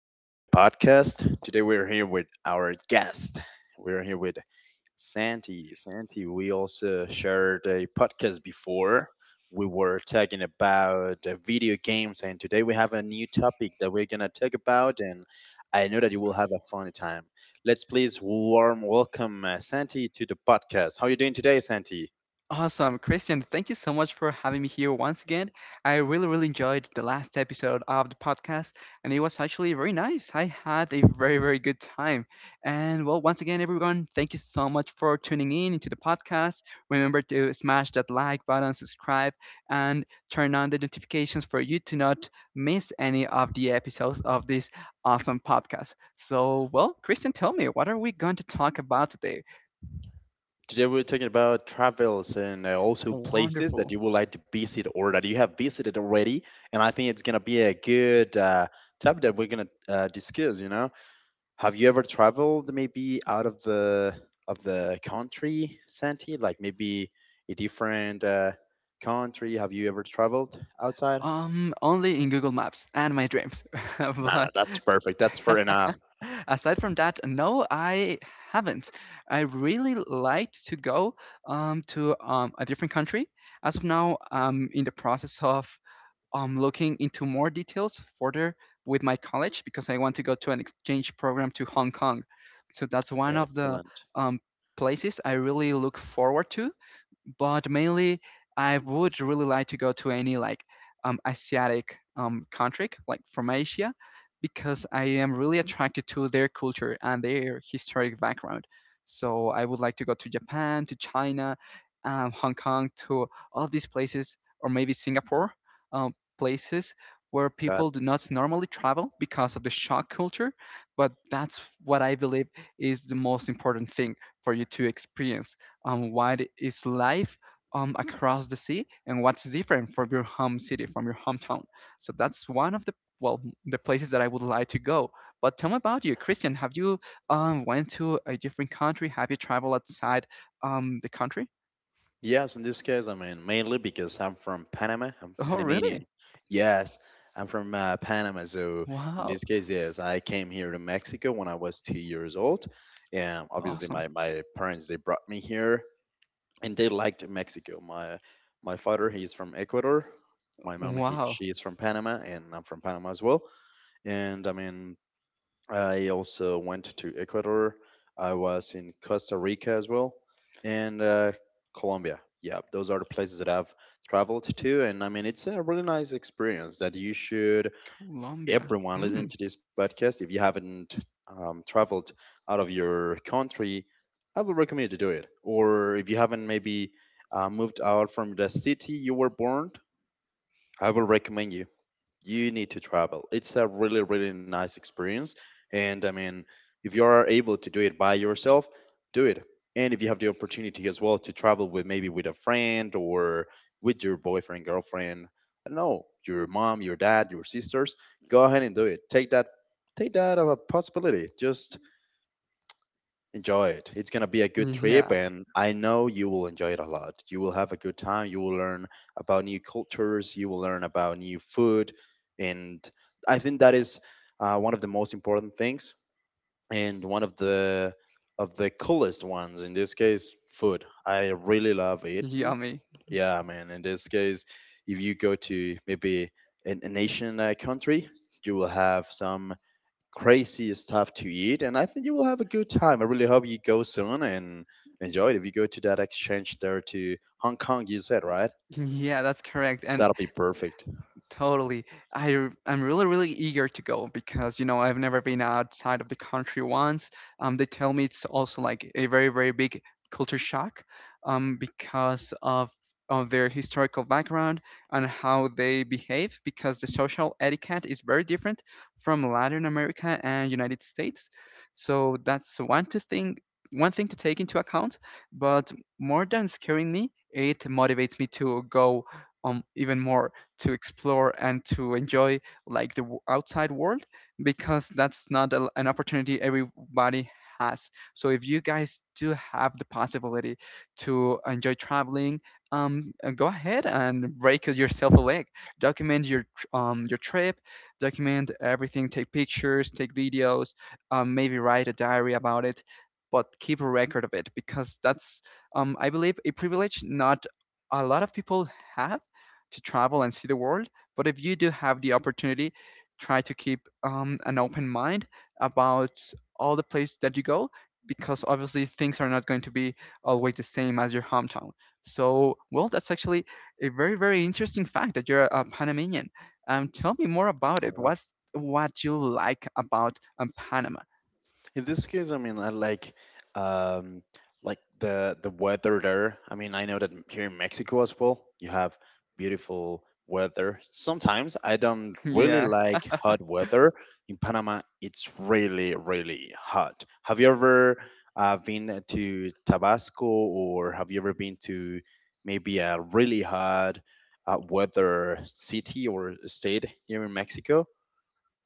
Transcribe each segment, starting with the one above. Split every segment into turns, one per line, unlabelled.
following the podcast. Today, we're here with our guest. We're here with Santi. Santi, we also shared a podcast before. We were talking about video games, and today we have a new topic that we're going to talk about, and I know that you will have a fun time. Let's please warm welcome Santi to the podcast. How are you doing today, Santi?
Awesome. Christian, thank you so much for having me here once again. I really, really enjoyed the last episode of the podcast, and it was actually very nice. I had a very, very good time. And well, once again, everyone, thank you so much for tuning in into the podcast. Remember to smash that like button, subscribe, and turn on the notifications for you to not miss any of the episodes of this awesome podcast. So, well, Christian, tell me, what are we going to talk about today?
Today we're talking about travels and also places that
Wonderful.
you would like to visit or that you have visited already. And I think it's gonna be a good topic that we're gonna discuss. You know, have you ever traveled maybe out of the country, Santi? Like maybe a different country? Have you ever traveled outside?
Only in Google Maps and my dreams.
Ah,
But
that's perfect. That's fair enough.
aside from that, no, I haven't. I really like to go to a different country. As of now, I'm in the process of I'm looking into more details further with my college because I want to go to an exchange program to Hong Kong. So that's one of the
Excellent.
um, places I really look forward to. But mainly, I would really like to go to any like Asiatic country, like from Asia, because I am really attracted to their culture and their historic background. So I would like to go to Japan, to China, Hong Kong, to all these places, or maybe Singapore. Uh, Places where people do not normally travel because of the shock culture. But that's what I believe is the most important thing for you to experience. What is life across the sea and what's different from your home city, from your hometown. So that's one of the, the places that I would like to go. But tell me about you, Christian. Have you went to a different country? Have you traveled outside the country?
Yes, in this case, I mean, mainly because I'm from Panama. I'm
Oh, really?
Panamanian. Yes, I'm from Panama. So, in
Wow.
this case, yes, I came here to Mexico when I was two years old. And obviously,
Awesome.
my parents, they brought me here and they liked Mexico. My father, he's from Ecuador. My mom,
Wow.
she is from Panama, and I'm from Panama as well. And I mean, I also went to Ecuador. I was in Costa Rica as well and Colombia. Yeah, those are the places that I've traveled to. And I mean, it's a really nice experience that you should,
Colombia.
everyone
Hmm.
listening to this podcast, if you haven't traveled out of your country, I would recommend to do it. Or if you haven't maybe moved out from the city you were born, I will recommend you need to travel. It's a really, really nice experience. And I mean, if you are able to do it by yourself, do it. And if you have the opportunity as well to travel with maybe with a friend or with your boyfriend, girlfriend, I don't know, your mom, your dad, your sisters, go ahead and do it. Take that of a possibility. Just enjoy it. It's gonna be a good trip,
Yeah.
and I know you will enjoy it a lot. You will have a good time. You will learn about new cultures. You will learn about new food, and I think that is one of the most important things, and one of the coolest ones in this case, food. I really love eating.
Yummy.
Yeah, man. In this case, if you go to maybe a nation, a country, you will have some crazy stuff to eat. And I think you will have a good time. I really hope you go soon and enjoy it. If you go to that exchange there to Hong Kong, you said, right?
Yeah, that's correct. And
That'll be perfect.
totally. I'm really, really eager to go because you know I've never been outside of the country once. They tell me it's also like a very, very big culture shock, because of their historical background and how they behave because the social etiquette is very different from Latin America and United States. So that's one thing to take into account. But more than scaring me, it motivates me to go even more to explore and to enjoy like outside world because that's not an opportunity everybody has, so if you guys do have the possibility to enjoy traveling, go ahead and break yourself a leg, document your trip, document everything, take pictures, take videos, maybe write a diary about it, but keep a record of it because that's, I believe, a privilege not a lot of people have, to travel and see the world. But if you do have the opportunity, try to keep an open mind about all the places that you go because obviously things are not going to be always the same as your hometown. So, well, that's actually a very, very interesting fact that you're a Panamanian. Tell me more about
All
it.
right.
What's what you like about Panama?
In this case, I mean, I um like the weather there. I mean, I know that here in Mexico as well, you have beautiful weather. Sometimes I don't really
Yeah.
like hot weather. In Panama, it's really, really hot. Have you ever been to Tabasco or have you ever been to maybe a really hot weather city or state here in Mexico?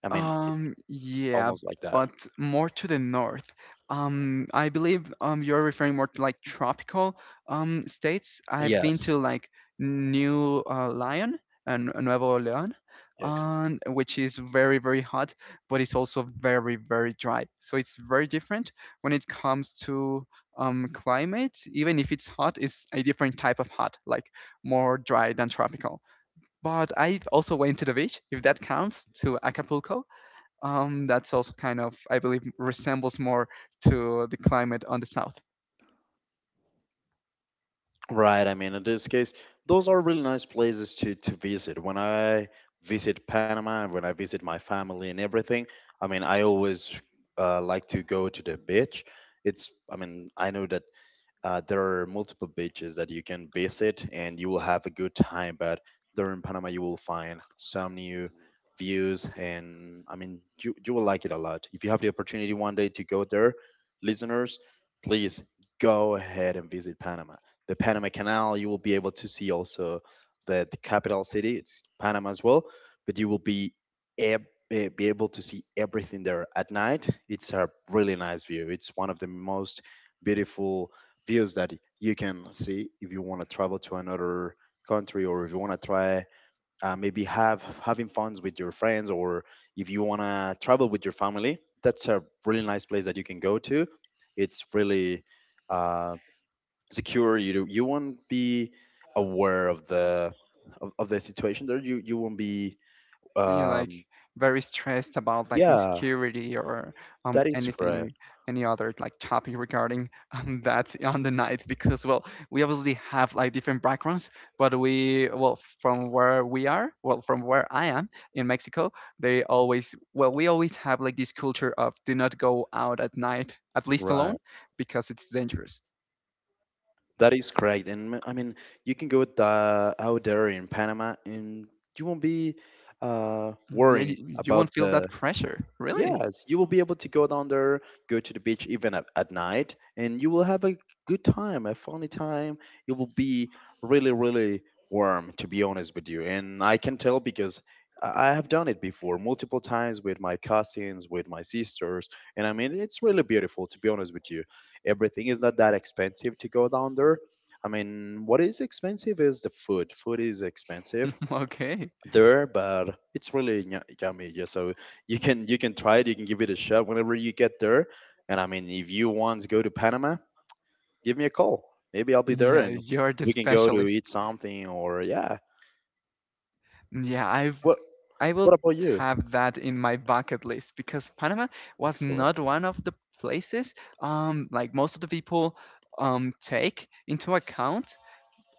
I mean, it's
Yeah,
almost like that.
but more to the north. I believe you're referring more to like tropical states. I've been
Yes.
to like New Lyon and Nuevo León,
Yeah,
which is very, very hot, but it's also very, very dry. So it's very different when it comes to climate. Even if it's hot, it's a different type of hot, like more dry than tropical. But I also went to the beach, if that counts, to Acapulco. That's also kind of, I believe, resembles more to the climate on the south.
right, I mean, in this case, those are really nice places to visit. When I visit Panama and when I visit my family and everything, I mean, I always like to go to the beach. It's, I mean, I know that there are multiple beaches that you can visit and you will have a good time. But during Panama, you will find some new views, and I mean, you will like it a lot. If you have the opportunity one day to go there, listeners, please go ahead and visit Panama. The Panama Canal, you will be able to see also the capital city, it's Panama as well, but you will be be able to see everything there at night. It's a really nice view. It's one of the most beautiful views that you can see if you want to travel to another country or if you want to try maybe have having funs with your friends or if you want to travel with your family. That's a really nice place that you can go to. It's really uh, secure. You won't be aware of the of the situation there. You won't be
You're like
um
very stressed about like
yeah,
insecurity or
that is correct.
anything, any other like topic regarding that on the night because, well, we obviously have like different backgrounds, but we, well, from where we are, well, from where I am in Mexico, they always, well, we always have like this culture of do not go out at night, at least
Right.
alone, because it's dangerous.
That is correct. And I mean, you can go out there in Panama and you won't be
Mm, yeah,
worrying
you
about
won't feel
the,
that pressure. Really?
yes, you will be able to go down there, go to the beach even at night, and you will have a good time, a funny time. It will be really, really warm, to be honest with you. And I can tell because I have done it before multiple times with my cousins, with my sisters. And I mean, it's really beautiful, to be honest with you. Everything is not that expensive to go down there. I mean, what is expensive is the food. Food is expensive
Okay.
there, but it's really yummy. Yeah, so you can try it. You can give it a shot whenever you get there. And I mean, if you want to go to Panama, give me a call. Maybe I'll be there,
Yeah,
and
you're the
we can go to
specialist.
eat something. Or yeah,
Mm, yeah,
what
I will
what about you?
have that in my bucket list because Panama was
Excellent.
not one of the places like most of the people take into account.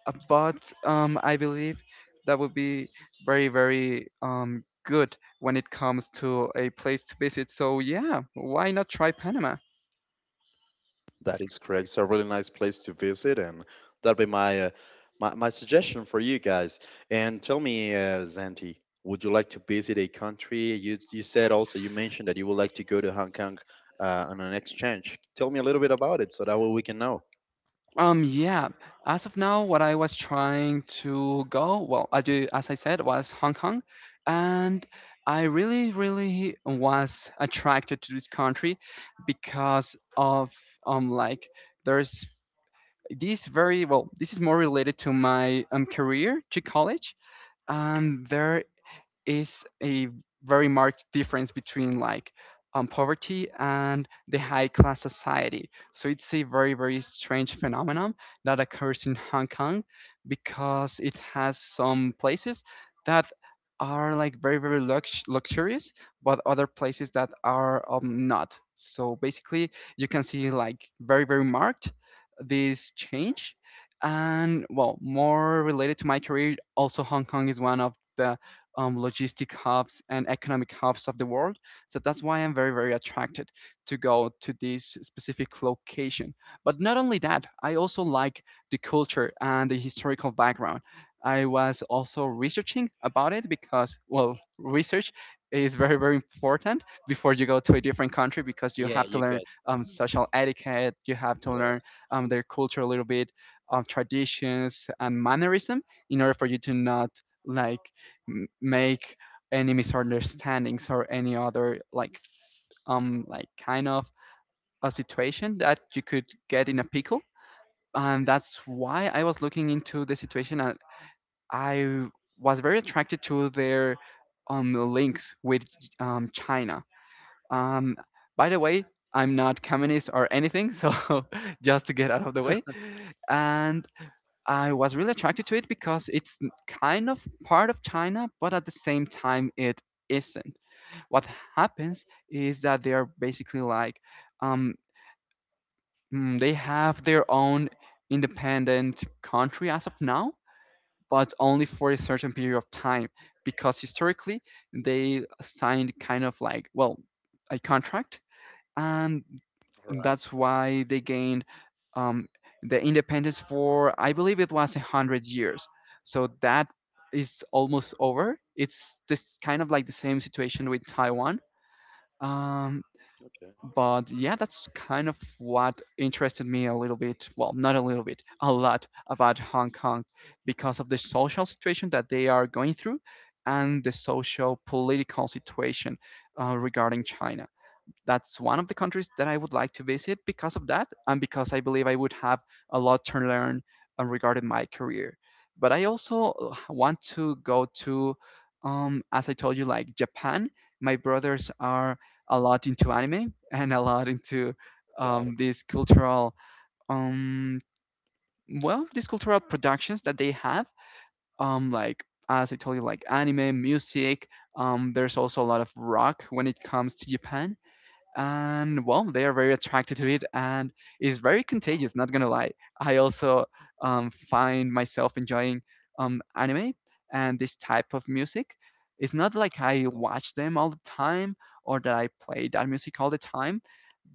But I believe that would be very, very good when it comes to a place to visit. So yeah, why not try Panama?
That is correct. It's a really nice place to visit, and that'd be my my suggestion for you guys. And tell me, Zanti, would you like to visit a country? You said also you mentioned that you would like to go to Hong Kong on an exchange. Tell me a little bit about it, so that way we can know.
Yeah. As of now, what I was trying to go, well, as you, as I said, was Hong Kong, and I really, really was attracted to this country because of, like, there's this, this is more related to my career, to college, and there is a very marked difference between like poverty and the high class society. So it's a very, very strange phenomenon that occurs in Hong Kong because it has some places that are like very, very luxurious, but other places that are not. So basically, you can see like very, very marked this change. And well, more related to my career, also Hong Kong is one of the logistic hubs and economic hubs of the world. So that's why I'm very, very attracted to go to this specific location. But not only that, I also like the culture and the historical background. I was also researching about it because, well, research is very, very important before you go to a different country because you
Yeah,
have to
you
learn
got
social etiquette, you have to learn
yes.
their culture a little bit, traditions and mannerism in order for you to not like make any misunderstandings or any other like kind of a situation that you could get in a pickle, and that's why I was looking into the situation and I was very attracted to their links with China. um by the way, I'm not communist or anything, so just to get out of the way. And I was really attracted to it because kind of part of China, but at the same time, it isn't. What happens is that they are basically like, um, they have their own independent country as of now, but only for a certain period of time because historically they signed kind of like, well, a contract, and
All right.
that's why they gained um, the independence for I believe it was 100 years. So that is almost over. It's this kind of like the same situation with Taiwan. Um,
Okay,
but yeah, that's kind of what interested me a little bit. Well, not a little bit, a lot, about Hong Kong because of the social situation that they are going through and the social political situation regarding China. That's one of the countries that I would like to visit because of that, and because I believe I would have a lot to learn regarding my career. But I also want to go to, as I told you, like Japan. My brothers are a lot into anime and a lot into
got it.
these um, these cultural productions that they have. Like as I told you, like anime, music. There's also a lot of rock when it comes to Japan, and well, they are very attracted to it, and it's very contagious, not gonna lie. I also find myself enjoying anime and this type of music. It's not like I watch them all the time or that I play that music all the time,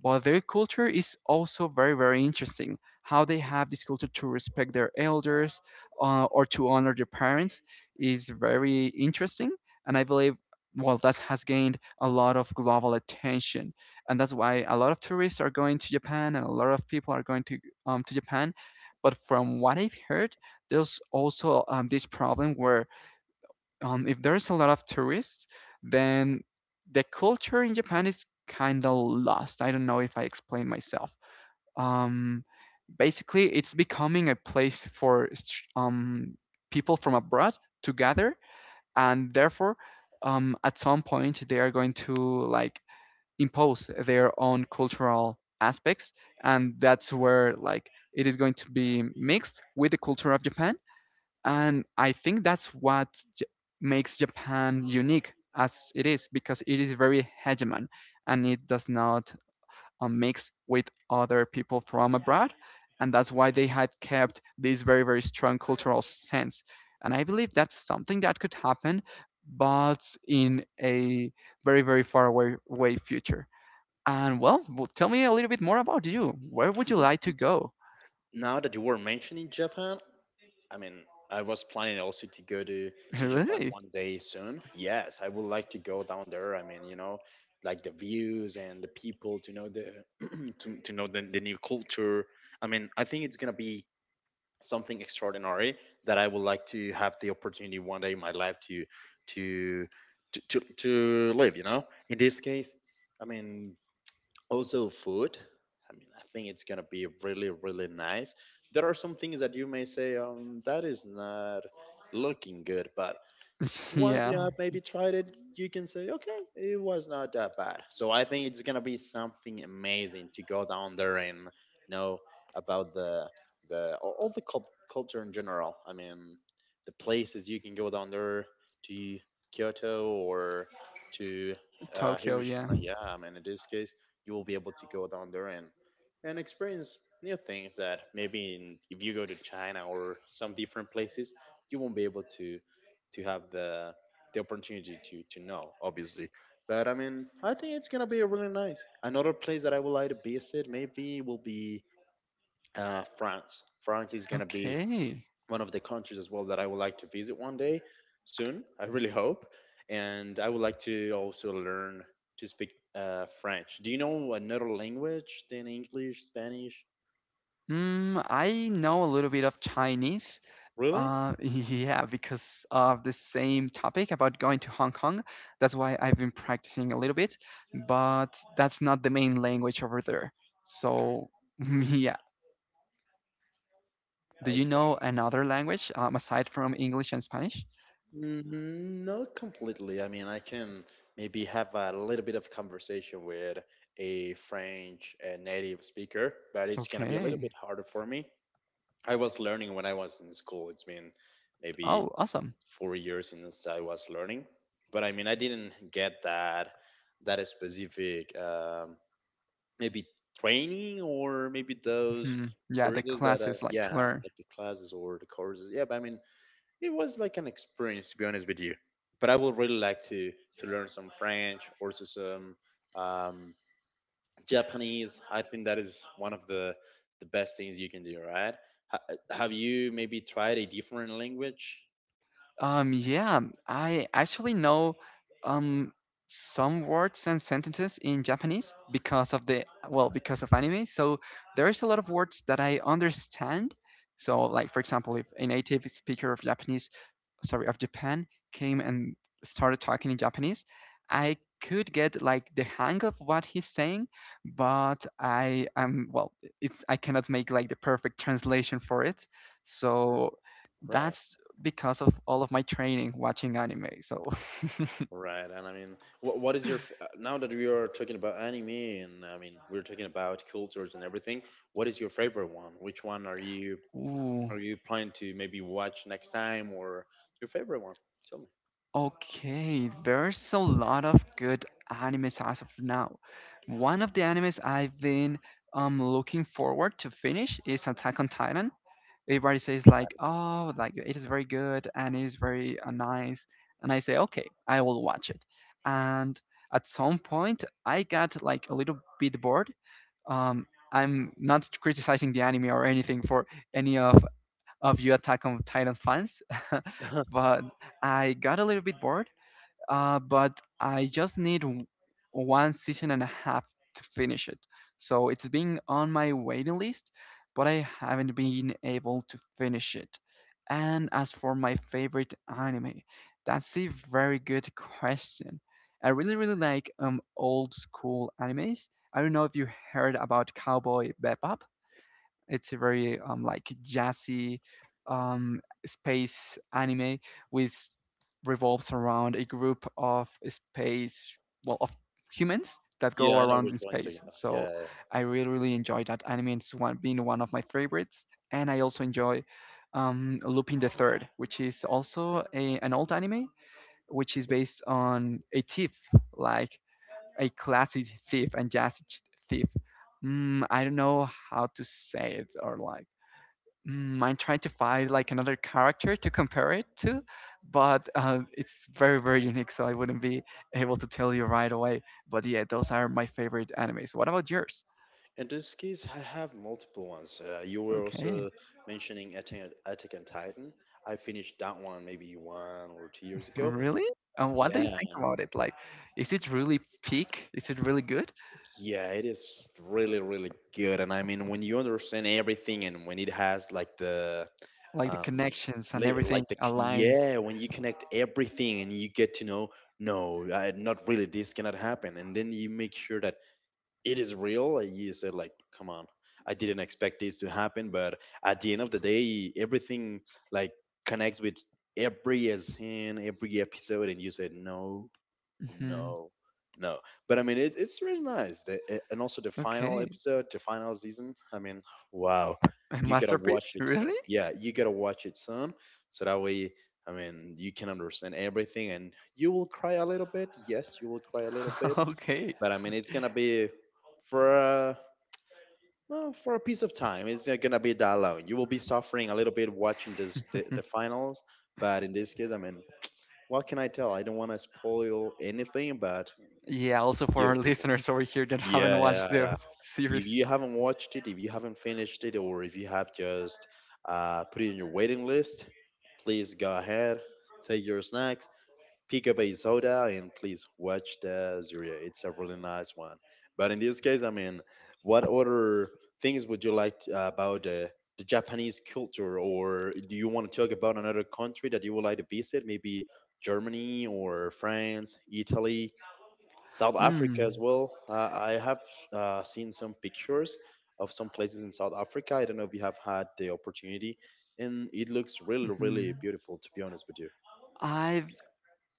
but their culture is also very, very interesting, how they have this culture to respect their elders or to honor their parents is very interesting, and I believe, well, that has gained a lot of global attention, and that's why a lot of tourists are going to Japan and a lot of people are going to, to Japan. But from what I've heard, there's also this problem where, if there's a lot of tourists, then the culture in Japan is kind of lost. I don't know if I explained myself. Um, Basically, it's becoming a place for people from abroad to gather, and therefore, at some point, they are going to like impose their own cultural aspects, and that's where like it is going to be mixed with the culture of Japan, and I think that's what J- makes Japan unique as it is because it is very hegemon and it does not mix with other people from abroad, and that's why they had kept this very, very strong cultural sense, and I believe that's something that could happen, but in a very, very far away way future. And well, tell me a little bit more about you. Where would you
It is.
like to go?
Now that you were mentioning Japan, I mean, I was planning also to go to Japan
Really?
one day soon. Yes, I would like to go down there. I mean, you know, like the views and the people to know the to know the new culture. I mean, I think it's gonna be something extraordinary that I would like to have the opportunity one day in my life to to live. You know, in this case, I mean, also food. I mean I think it's gonna be really really nice. There are some things that you may say that is not looking good, but once
Yeah,
you have maybe tried it, you can say, okay, it was not that bad. So I think it's gonna be something amazing to go down there and know about the all the culture in general. I mean, the places you can go down there to Kyoto or to
Tokyo, yeah.
Hiroshima. Yeah, I mean, in this case, you will be able to go down there and experience new things that maybe if you go to China or some different places, you won't be able to have the opportunity to know, obviously. But I mean, I think it's gonna be really nice. Another place that I would like to visit maybe will be France. France is gonna be
Okay.
one of the countries as well that I would like to visit one day soon. I really hope, and I would like to also learn to speak French. Do you know another language than English, Spanish?
Mm, I know a little bit of Chinese.
Really?
Yeah, because of the same topic about going to Hong Kong. That's why I've been practicing a little bit, but that's not the main language over there. So, yeah. Do you know another language aside from English and Spanish?
Mm, not completely. I mean, I can maybe have a little bit of conversation with a French native speaker, but it's gonna be a little
Okay.
bit harder for me. I was learning when I was in school. It's been maybe
Oh, awesome.
four years since I was learning, but I mean, I didn't get that specific maybe training or maybe those
Mhm. Yeah, the
courses that
classes like to
yeah,
learn.
like the classes or the courses. Yeah, but I mean, it was like an experience, to be honest with you. But I would really like to learn some French, also some um, Japanese. I think that is one of the best things you can do, right? Have you maybe tried a different language?
Yeah, I actually know um some words and sentences in Japanese because of
All right,
because of anime. So there is a lot of words that I understand. So like for example, if a native speaker of Japanese sorry of Japan came and started talking in Japanese, I could get like the hang of what he's saying, but it's I cannot make like the perfect translation for it. So
right,
that's because of all of my training watching anime. So,
right. And I mean, what is your now that we are talking about anime and I mean we're talking about cultures and everything, what is your favorite one? Which one
ooh,
are you planning to maybe watch next time or your favorite one? Tell me.
okay, there's a lot of good animes as of now. One of the animes I've been looking forward to finish is Attack on Titan. Everybody says like, oh, like it is very good and it is very nice. And I say, okay, I will watch it. And at some point, I got like a little bit bored. Um, I'm not criticizing the anime or anything for any of, of you Attack on Titan fans, but I got a little bit bored but I just need one season and a half to finish it. So it's been on my waiting list, but I haven't been able to finish it. And as for my favorite anime, that's a very good question. I really, really like old school animes. I don't know if you heard about Cowboy Bebop. It's a very like jazzy um, space anime which revolves around a group of well, of humans that
Yeah,
go
I know
around
which
in
one you're talking
space.
about. Yeah,
So
yeah,
I really, really enjoy that anime. It's one been one of my favorites, and I also enjoy Lupin the Third, which is also an old anime, which is
yeah.
based on a thief, like a classy thief and jazzy thief. Mm, I don't know how to say it or like. Mm, I'm trying to find like another character to compare it to, but it's very very unique, so I wouldn't be able to tell you right away. But yeah, those are my favorite animes. What about yours?
In this case, I have multiple ones. You were
Okay,
also mentioning Attack on Titan. I finished that one maybe one or two years ago.
really? And what do you
Yeah.
think about it? Like, is it really peak? Is it really good?
Yeah, it is really, really good. And I mean, when you understand everything and when it has like the,
Like the
um,
connections and
li-
everything
like the, c- yeah,
aligns.
when you connect everything and you get to know, no, I, not really, this cannot happen. And then you make sure that it is real. Like you said, like, come on, I didn't expect this to happen, but at the end of the day, everything like connects with every scene, every episode, and you said no,
Hmm.
no, no. But I mean, it's really nice, and also the final
Okay,
episode, the final season. I mean, wow,
a
you gotta
masterpiece,
watch it soon.
really?
Yeah, you gotta watch it soon, so that way. I mean, you can understand everything, and you will cry a little bit. Yes, you will cry a little bit,
Okay.
but I mean, it's gonna be for for a piece of time. It's not gonna be that long. You will be suffering a little bit watching the finals. But in this case, I mean, what can I tell? I don't want to spoil anything, but
Yeah, also for
you
our
you
listeners over here that haven't
yeah, yeah,
watched
yeah.
the
If
series.
you haven't watched it, if you haven't finished it, or if you have just put it in your waiting list, please go ahead, take your snacks, pick up a soda and please watch the series. It's a really nice one. But in this case, I mean, what other things would you like to, about the Japanese culture, or do you want to talk about another country that you would like to visit? Maybe Germany or France, Italy, South Africa as
Mm,
well. I have seen some pictures of some places in South Africa. I don't know if you have had the opportunity, and it looks really, really
mhm.
beautiful. To be honest with you,
I've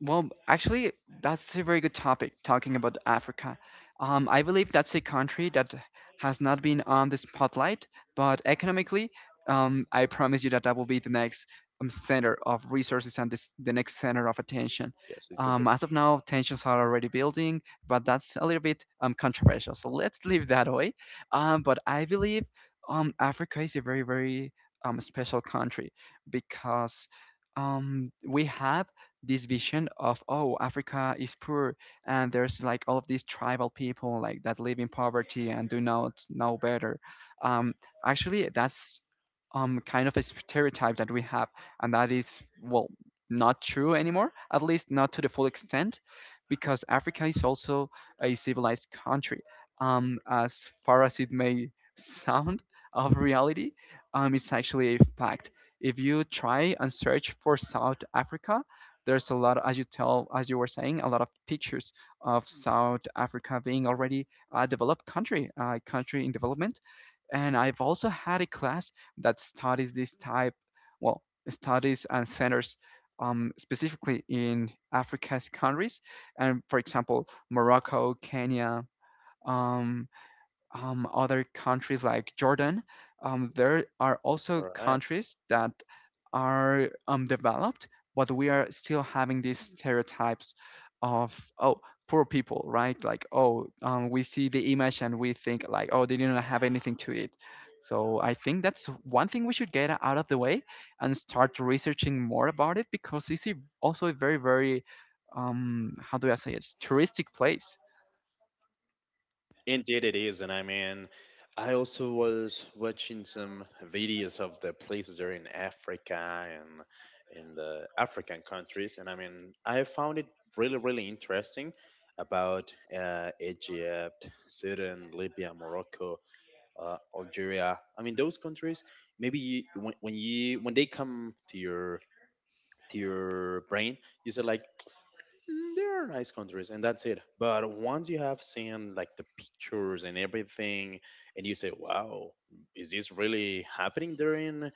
Actually, that's a very good topic talking about Africa. I believe that's a country that has not been on the spotlight, but economically, I promise you that that will be the next center of resources and the next center of attention.
yes, it could be.
As of now, tensions are already building, but that's a little bit controversial. So let's leave that away. But I believe Africa is a very, very special country because we have this vision of, oh, Africa is poor and there's like all of these tribal people like that live in poverty and do not know better. um Actually, that's kind of a stereotype that we have, and that is, well, not true anymore, at least not to the full extent, because Africa is also a civilized country, as far as it may sound of reality. It's actually a fact. If you try and search for South Africa, there's a lot, as you were saying, a lot of pictures of South Africa being already a developed country, a country in development. And I've also had a class that studies this well, studies and centers specifically in Africa's countries, and for example, Morocco, Kenya, um, other countries like Jordan, there are also
All right.
countries that are developed, but we are still having these stereotypes of, oh, poor people, right? Like, oh, we see the image and we think, like, oh, they didn't have anything to eat. So I think that's one thing we should get out of the way and start researching more about it because it's also a very, very, how do I say it, touristic place.
Indeed, it is. And I mean, I also was watching some videos of the places there in Africa and in the African countries. And I mean, I found it really, really interesting about Egypt, Sudan, Libya, Morocco, Algeria. I mean, those countries, maybe you, when they come to your brain, you say like, mm, there are nice countries, and that's it. But once you have seen like the pictures and everything, and you say, "Wow, is this really happening there in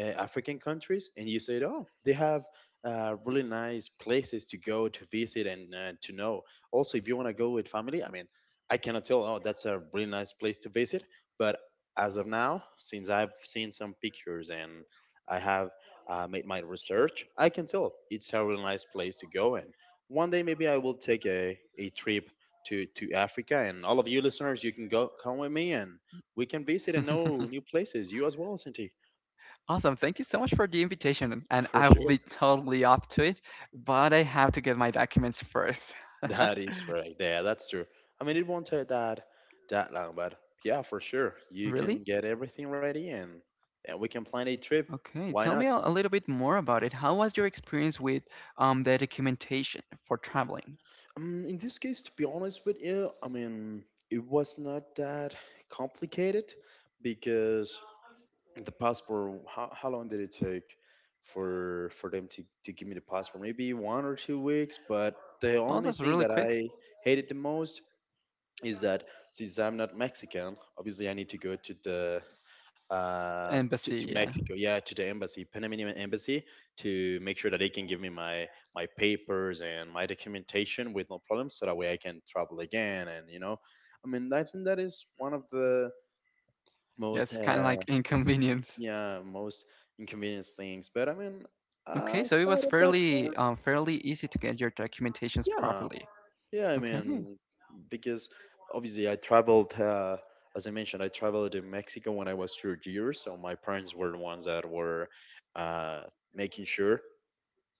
African countries?" And you say, "Oh, they have really nice places to go to visit and to know." Also, if you want to go with family, I mean, I cannot tell. Oh, that's a really nice place to visit. But as of now, since I've seen some pictures and I have made my research, I can tell it's a really nice place to go, and one day maybe I will take a trip to Africa, and all of you listeners, you can go come with me and we can visit and know new places. You as well, Cinti.
Awesome. Thank you so much for the invitation. And
For
I will
sure.
be totally up to it, but I have to get my documents first.
That is right. Yeah, that's true. I mean, it won't take that long, but yeah, for sure. You can
Really?
get everything ready, and we can plan a trip.
Okay.
Why
Tell
not?
me a little bit more about it. How was your experience with the documentation for traveling?
In this case, to be honest with you, I mean it was not that complicated because the passport, how long did it take for them to give me the passport? Maybe one or two weeks. But the
Oh,
only
that's
thing
really
that
quick.
I hated the most is that since I'm not Mexican, obviously I need to go to the to
Embassy, yeah.
Mexico, yeah, to the embassy, Panamanian embassy, to make sure that they can give me my my papers and my documentation with no problem so that way I can travel again, and you know, I mean, I think that is one of the
Yeah,
most
it's kind of like inconvenience.
yeah, most inconvenience things. But I mean,
Okay, so it was
aside of that
fairly
part,
fairly easy to get your documentations
yeah,
properly.
yeah. I
Okay.
mean, because obviously I traveled, as I mentioned, I traveled to Mexico when I was 2 years, so my parents were the ones that were uh, making sure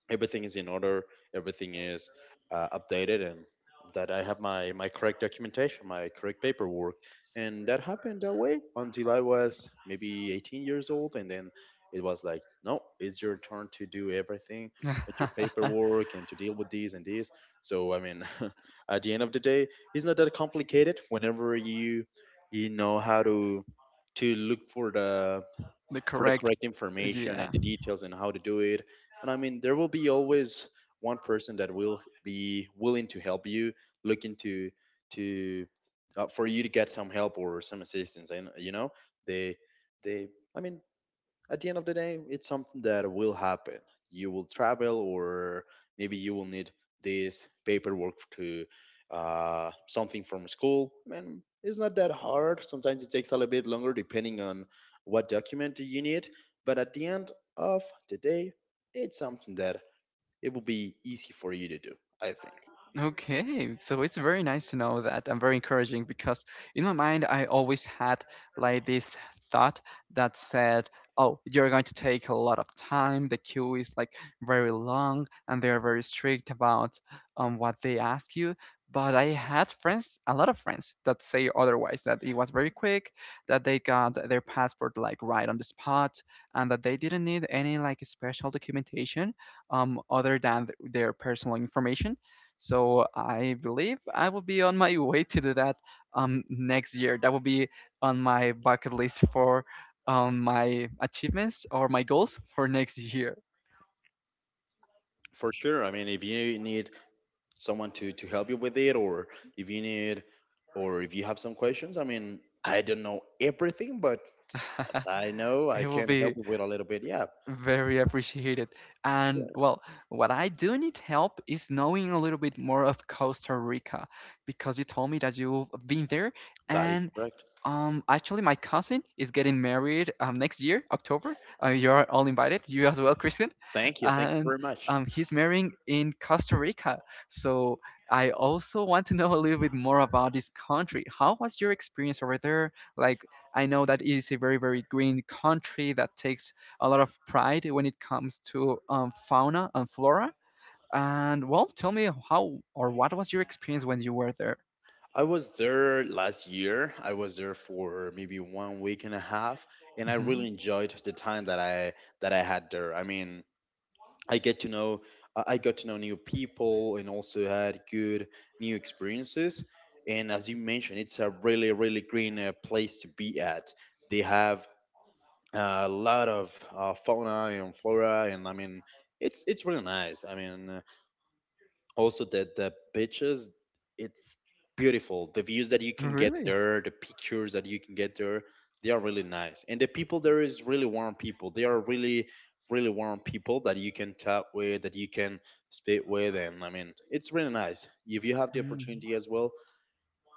everything is in order, everything is updated, and that I have my my correct documentation, my correct paperwork, and that happened that way until I was maybe 18 years old, and then it was like, no, it's your turn to do everything with your paperwork and to deal with these and these, so I mean, at the end of the day, it's not that complicated whenever you you know how to look
The
for the
correct,
correct information
yeah.
and the details and how to do it. And I mean, there will be always one person that will be willing to help you, looking to for you to get some help or some assistance. And you know, they they I mean, at the end of the day, it's something that will happen. You will travel, or maybe you will need this paperwork to something from school. Man, it's not that hard. Sometimes it takes a little bit longer depending on what document you need. But at the end of the day, it's something that it will be easy for you to do, I think.
Okay, so it's very nice to know that and very encouraging because in my mind I always had like this thought that said, "Oh, you're going to take a lot of time. The queue is like very long, and they are very strict about what they ask you." But I had friends, a lot of friends, that say otherwise, that it was very quick, that they got their passport like right on the spot, and that they didn't need any like special documentation other than their personal information, so I believe I will be on my way to do that next year. That will be on my bucket list for my achievements or my goals for next year.
For sure. I mean, if you need someone to help you with it, or if you need, or if you have some questions, I mean, I don't know everything, but as I know, I
It will
can help
be
you with a little bit. Yeah,
very appreciated. And
sure.
well, what I do need help is knowing a little bit more of Costa Rica because you told me that you've been there
That is
and.
correct.
Actually, my cousin is getting married next year, October. You are all invited, you as well, Christian.
Thank you. Thank you
And
very much.
he's marrying in Costa Rica. So I also want to know a little bit more about this country. How was your experience over there? Like, I know that it is a very, very green country that takes a lot of pride when it comes to fauna and flora. And well, tell me how or what was your experience when you were there?
I was there last year. I was there for maybe one week and a half, and I really
Hmm.
enjoyed the time that I had there. I mean, I get to know I got to know new people and also had good new experiences. And as you mentioned, it's a really really green place to be at. They have a lot of fauna and flora, and I mean it's really nice, I mean, also the beaches, it's beautiful, the views that you can get
Really?
there, the pictures that you can get there, they are really nice, and the people there is really warm people, they are really really warm people that you can talk with, that you can speak with, and I mean it's really nice. If you have the opportunity as well,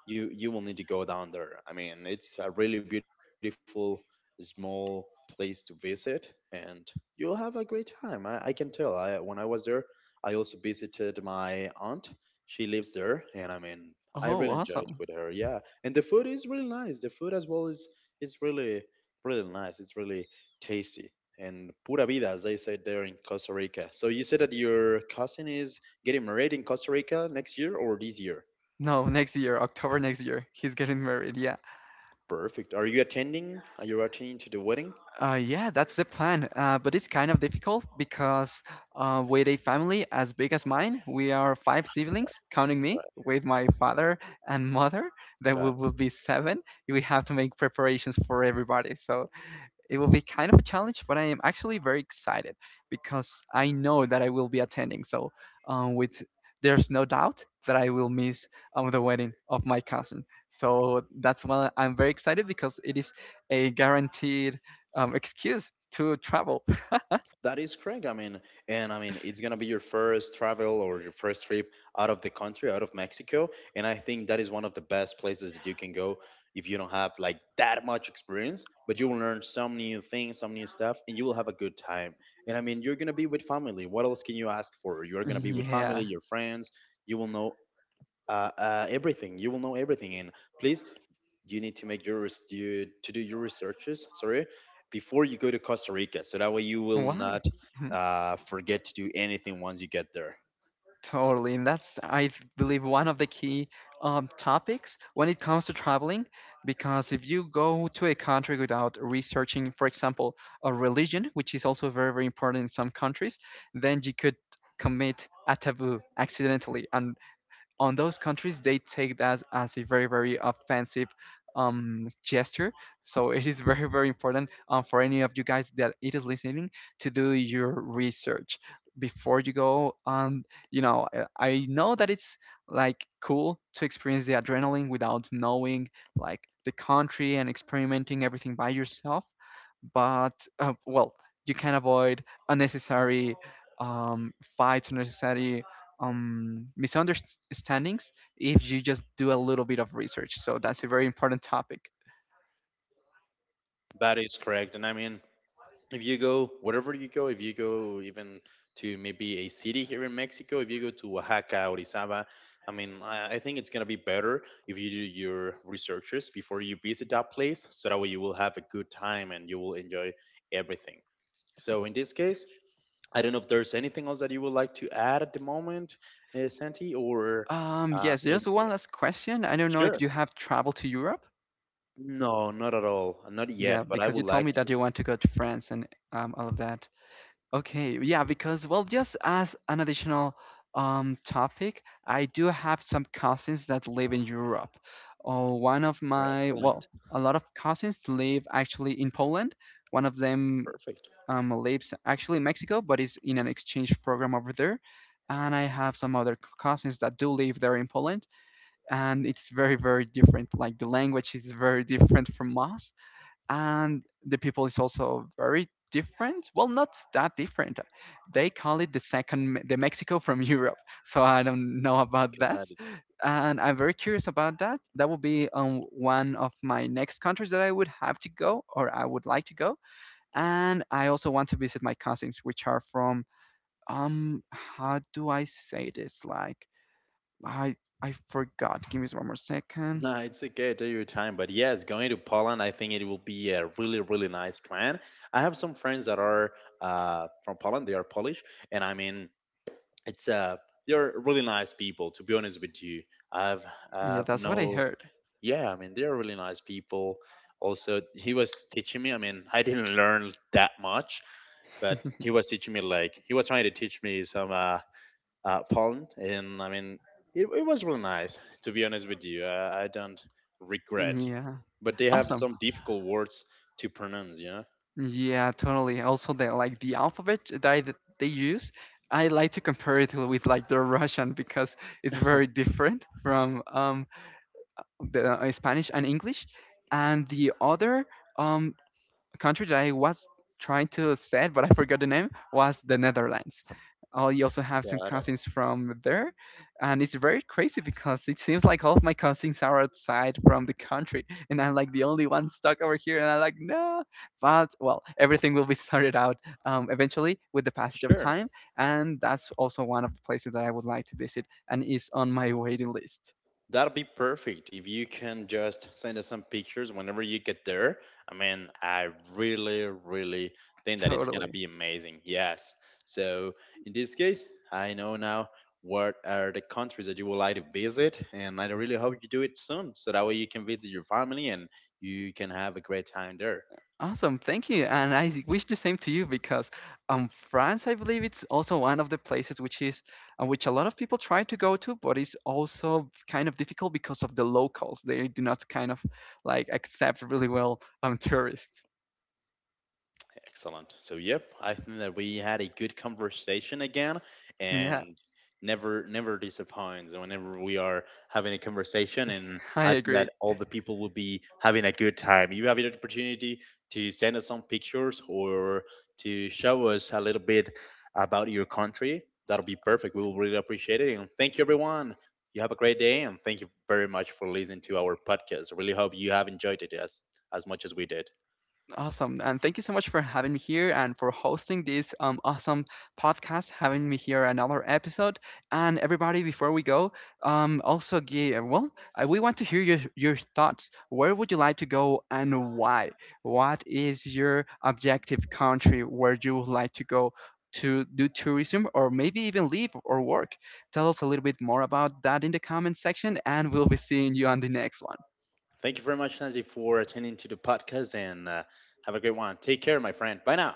you will need to go down there. I mean, it's a really beautiful small place to visit, and you'll have a great time. I can tell. I when I was there, I also visited my aunt. She lives there, and I mean, I
Oh,
really enjoyed
awesome.
with her. Yeah, and the food is really nice. The food as well is really really nice. It's really tasty. And pura vida, as they say there in Costa Rica. So you said that your cousin is getting married in Costa Rica next year or this year?
No, next year, October next year, he's getting married. Yeah.
Perfect. Are you attending? Are you attending to the wedding?
Yeah, that's the plan. But it's kind of difficult because with a family as big as mine, we are five
Okay.
siblings, counting
Right.
me, with my father and mother, then we
Got it.
will be seven. We have to make preparations for everybody. So it will be kind of a challenge, but I am actually very excited because I know that I will be attending. So, with there's no doubt that I will miss the wedding of my cousin. So that's why I'm very excited because it is a guaranteed excuse to travel.
That is correct. I mean, and I mean, it's gonna be your first travel or your first trip out of the country, out of Mexico, and I think that is one of the best places that you can go if you don't have like that much experience, but you will learn some new things, some new stuff, and you will have a good time. And I mean, you're gonna be with family. What else can you ask for? You're gonna be with family,
Yeah.
your friends. You will know everything. You will know everything. And please, you need to make your to do your researches. Sorry, before you go to Costa Rica, so that way you will
Why?
not forget to do anything once you get there.
Totally, and that's believe one of the key topics when it comes to traveling, because if you go to a country without researching, for example, a religion, which is also very very important in some countries, then you could commit a taboo accidentally, and on those countries they take that as a very very offensive gesture. So it is very very important for any of you guys that it is listening to do your research before you go. I know that it's like cool to experience the adrenaline without knowing like the country and experimenting everything by yourself, but you can avoid unnecessary fights, unnecessary misunderstandings if you just do a little bit of research. So that's a very important topic.
That is correct. And I mean, if you go wherever you go, if you go even to maybe a city here in Mexico, if you go to Oaxaca, Orizaba, I mean, I think it's gonna be better if you do your researches before you visit that place, so that way you will have a good time and you will enjoy everything. So in this case, I don't know if there's anything else that you would like to add at the moment, Santi, or uh,
Yes, just
em-
one last question. I don't know if
sure.
you have traveled to Europe.
No, not at all. Not
Yeah,
yet, but I
because you
would
told
like
me that you want to go to France and all of that. Okay, yeah, because well, just as an additional topic, I do have some cousins that live in Europe. Oh, one of
to. Excellent.
a lot of cousins live actually in Poland. One of them
Perfect.
lives actually in Mexico, but is in an exchange program over there. And I have some other cousins that do live there in Poland, and it's very, very different. Like the language is very different from us, and the people is also very different. Well, not that different. They call it the Mexico from Europe. So I don't know about that,
God.
and I'm very curious about that. That will be one of my next countries that I would have to go, or I would like to go, and I also want to visit my cousins, which are from how do I say this? Like, I I forgot. Give me one more second.
No, it's okay. Take your time. But yes, going to Poland, I think it will be a really, really nice plan. I have some friends that are from Poland. They are Polish, and I mean, it's they're really nice people. To be honest with you, I've
Yeah,
I've
that's what I
no,
heard.
yeah. I mean, they're really nice people. Also, he was teaching me. I mean, I didn't learn that much, but he was teaching me like he was trying to teach me some Poland, and I mean, it was really nice. To be honest with you, I don't regret,
Yeah,
but they have
awesome.
some difficult words to pronounce. You know.
Yeah, totally. Also, the like the alphabet that they use, I like to compare it with like the Russian because it's very different from the Spanish and English, and the other um country that I was trying to say, but I forgot the name, was the Netherlands. I also have some
Got it.
cousins from there, and it's very crazy because it seems like all of my cousins are outside from the country, and I'm like the only one stuck over here, and I'm like, no. But well, everything will be sorted out eventually with the passage of
Sure.
time, and that's also one of the places that I would like to visit, and is on my waiting list.
That will be perfect if you can just send us some pictures whenever you get there. I mean, I really, really think that it's gonna
Totally.
be amazing. Yes. So in this case, I know now what are the countries that you would like to visit, and I really hope you do it soon, so that way you can visit your family and you can have a great time there.
Awesome, thank you, and I wish the same to you because France, I believe, it's also one of the places which is which a lot of people try to go to, but it's also kind of difficult because of the locals. They do not kind of like accept really well tourists.
Excellent. So, yep, I think that we had a good conversation again, and
Yeah,
never disappoints whenever we are having a conversation. And
I
I think
agree.
that all the people will be having a good time. You have the opportunity to send us some pictures or to show us a little bit about your country. That'll be perfect. We will really appreciate it. And thank you, everyone. You have a great day, and thank you very much for listening to our podcast. I really hope you have enjoyed it as much as we did.
Awesome. And thank you so much for having me here and for hosting this awesome podcast, having me here another episode. And everybody, before we go, um, also, give, well, we want to hear your thoughts. Where would you like to go and why? What is your objective country where you would like to go to do tourism or maybe even live or work? Tell us a little bit more about that in the comment section, and we'll be seeing you on the next one.
Thank you very much, Nancy, for attending to the podcast and have a great one. Take care, my friend. Bye now.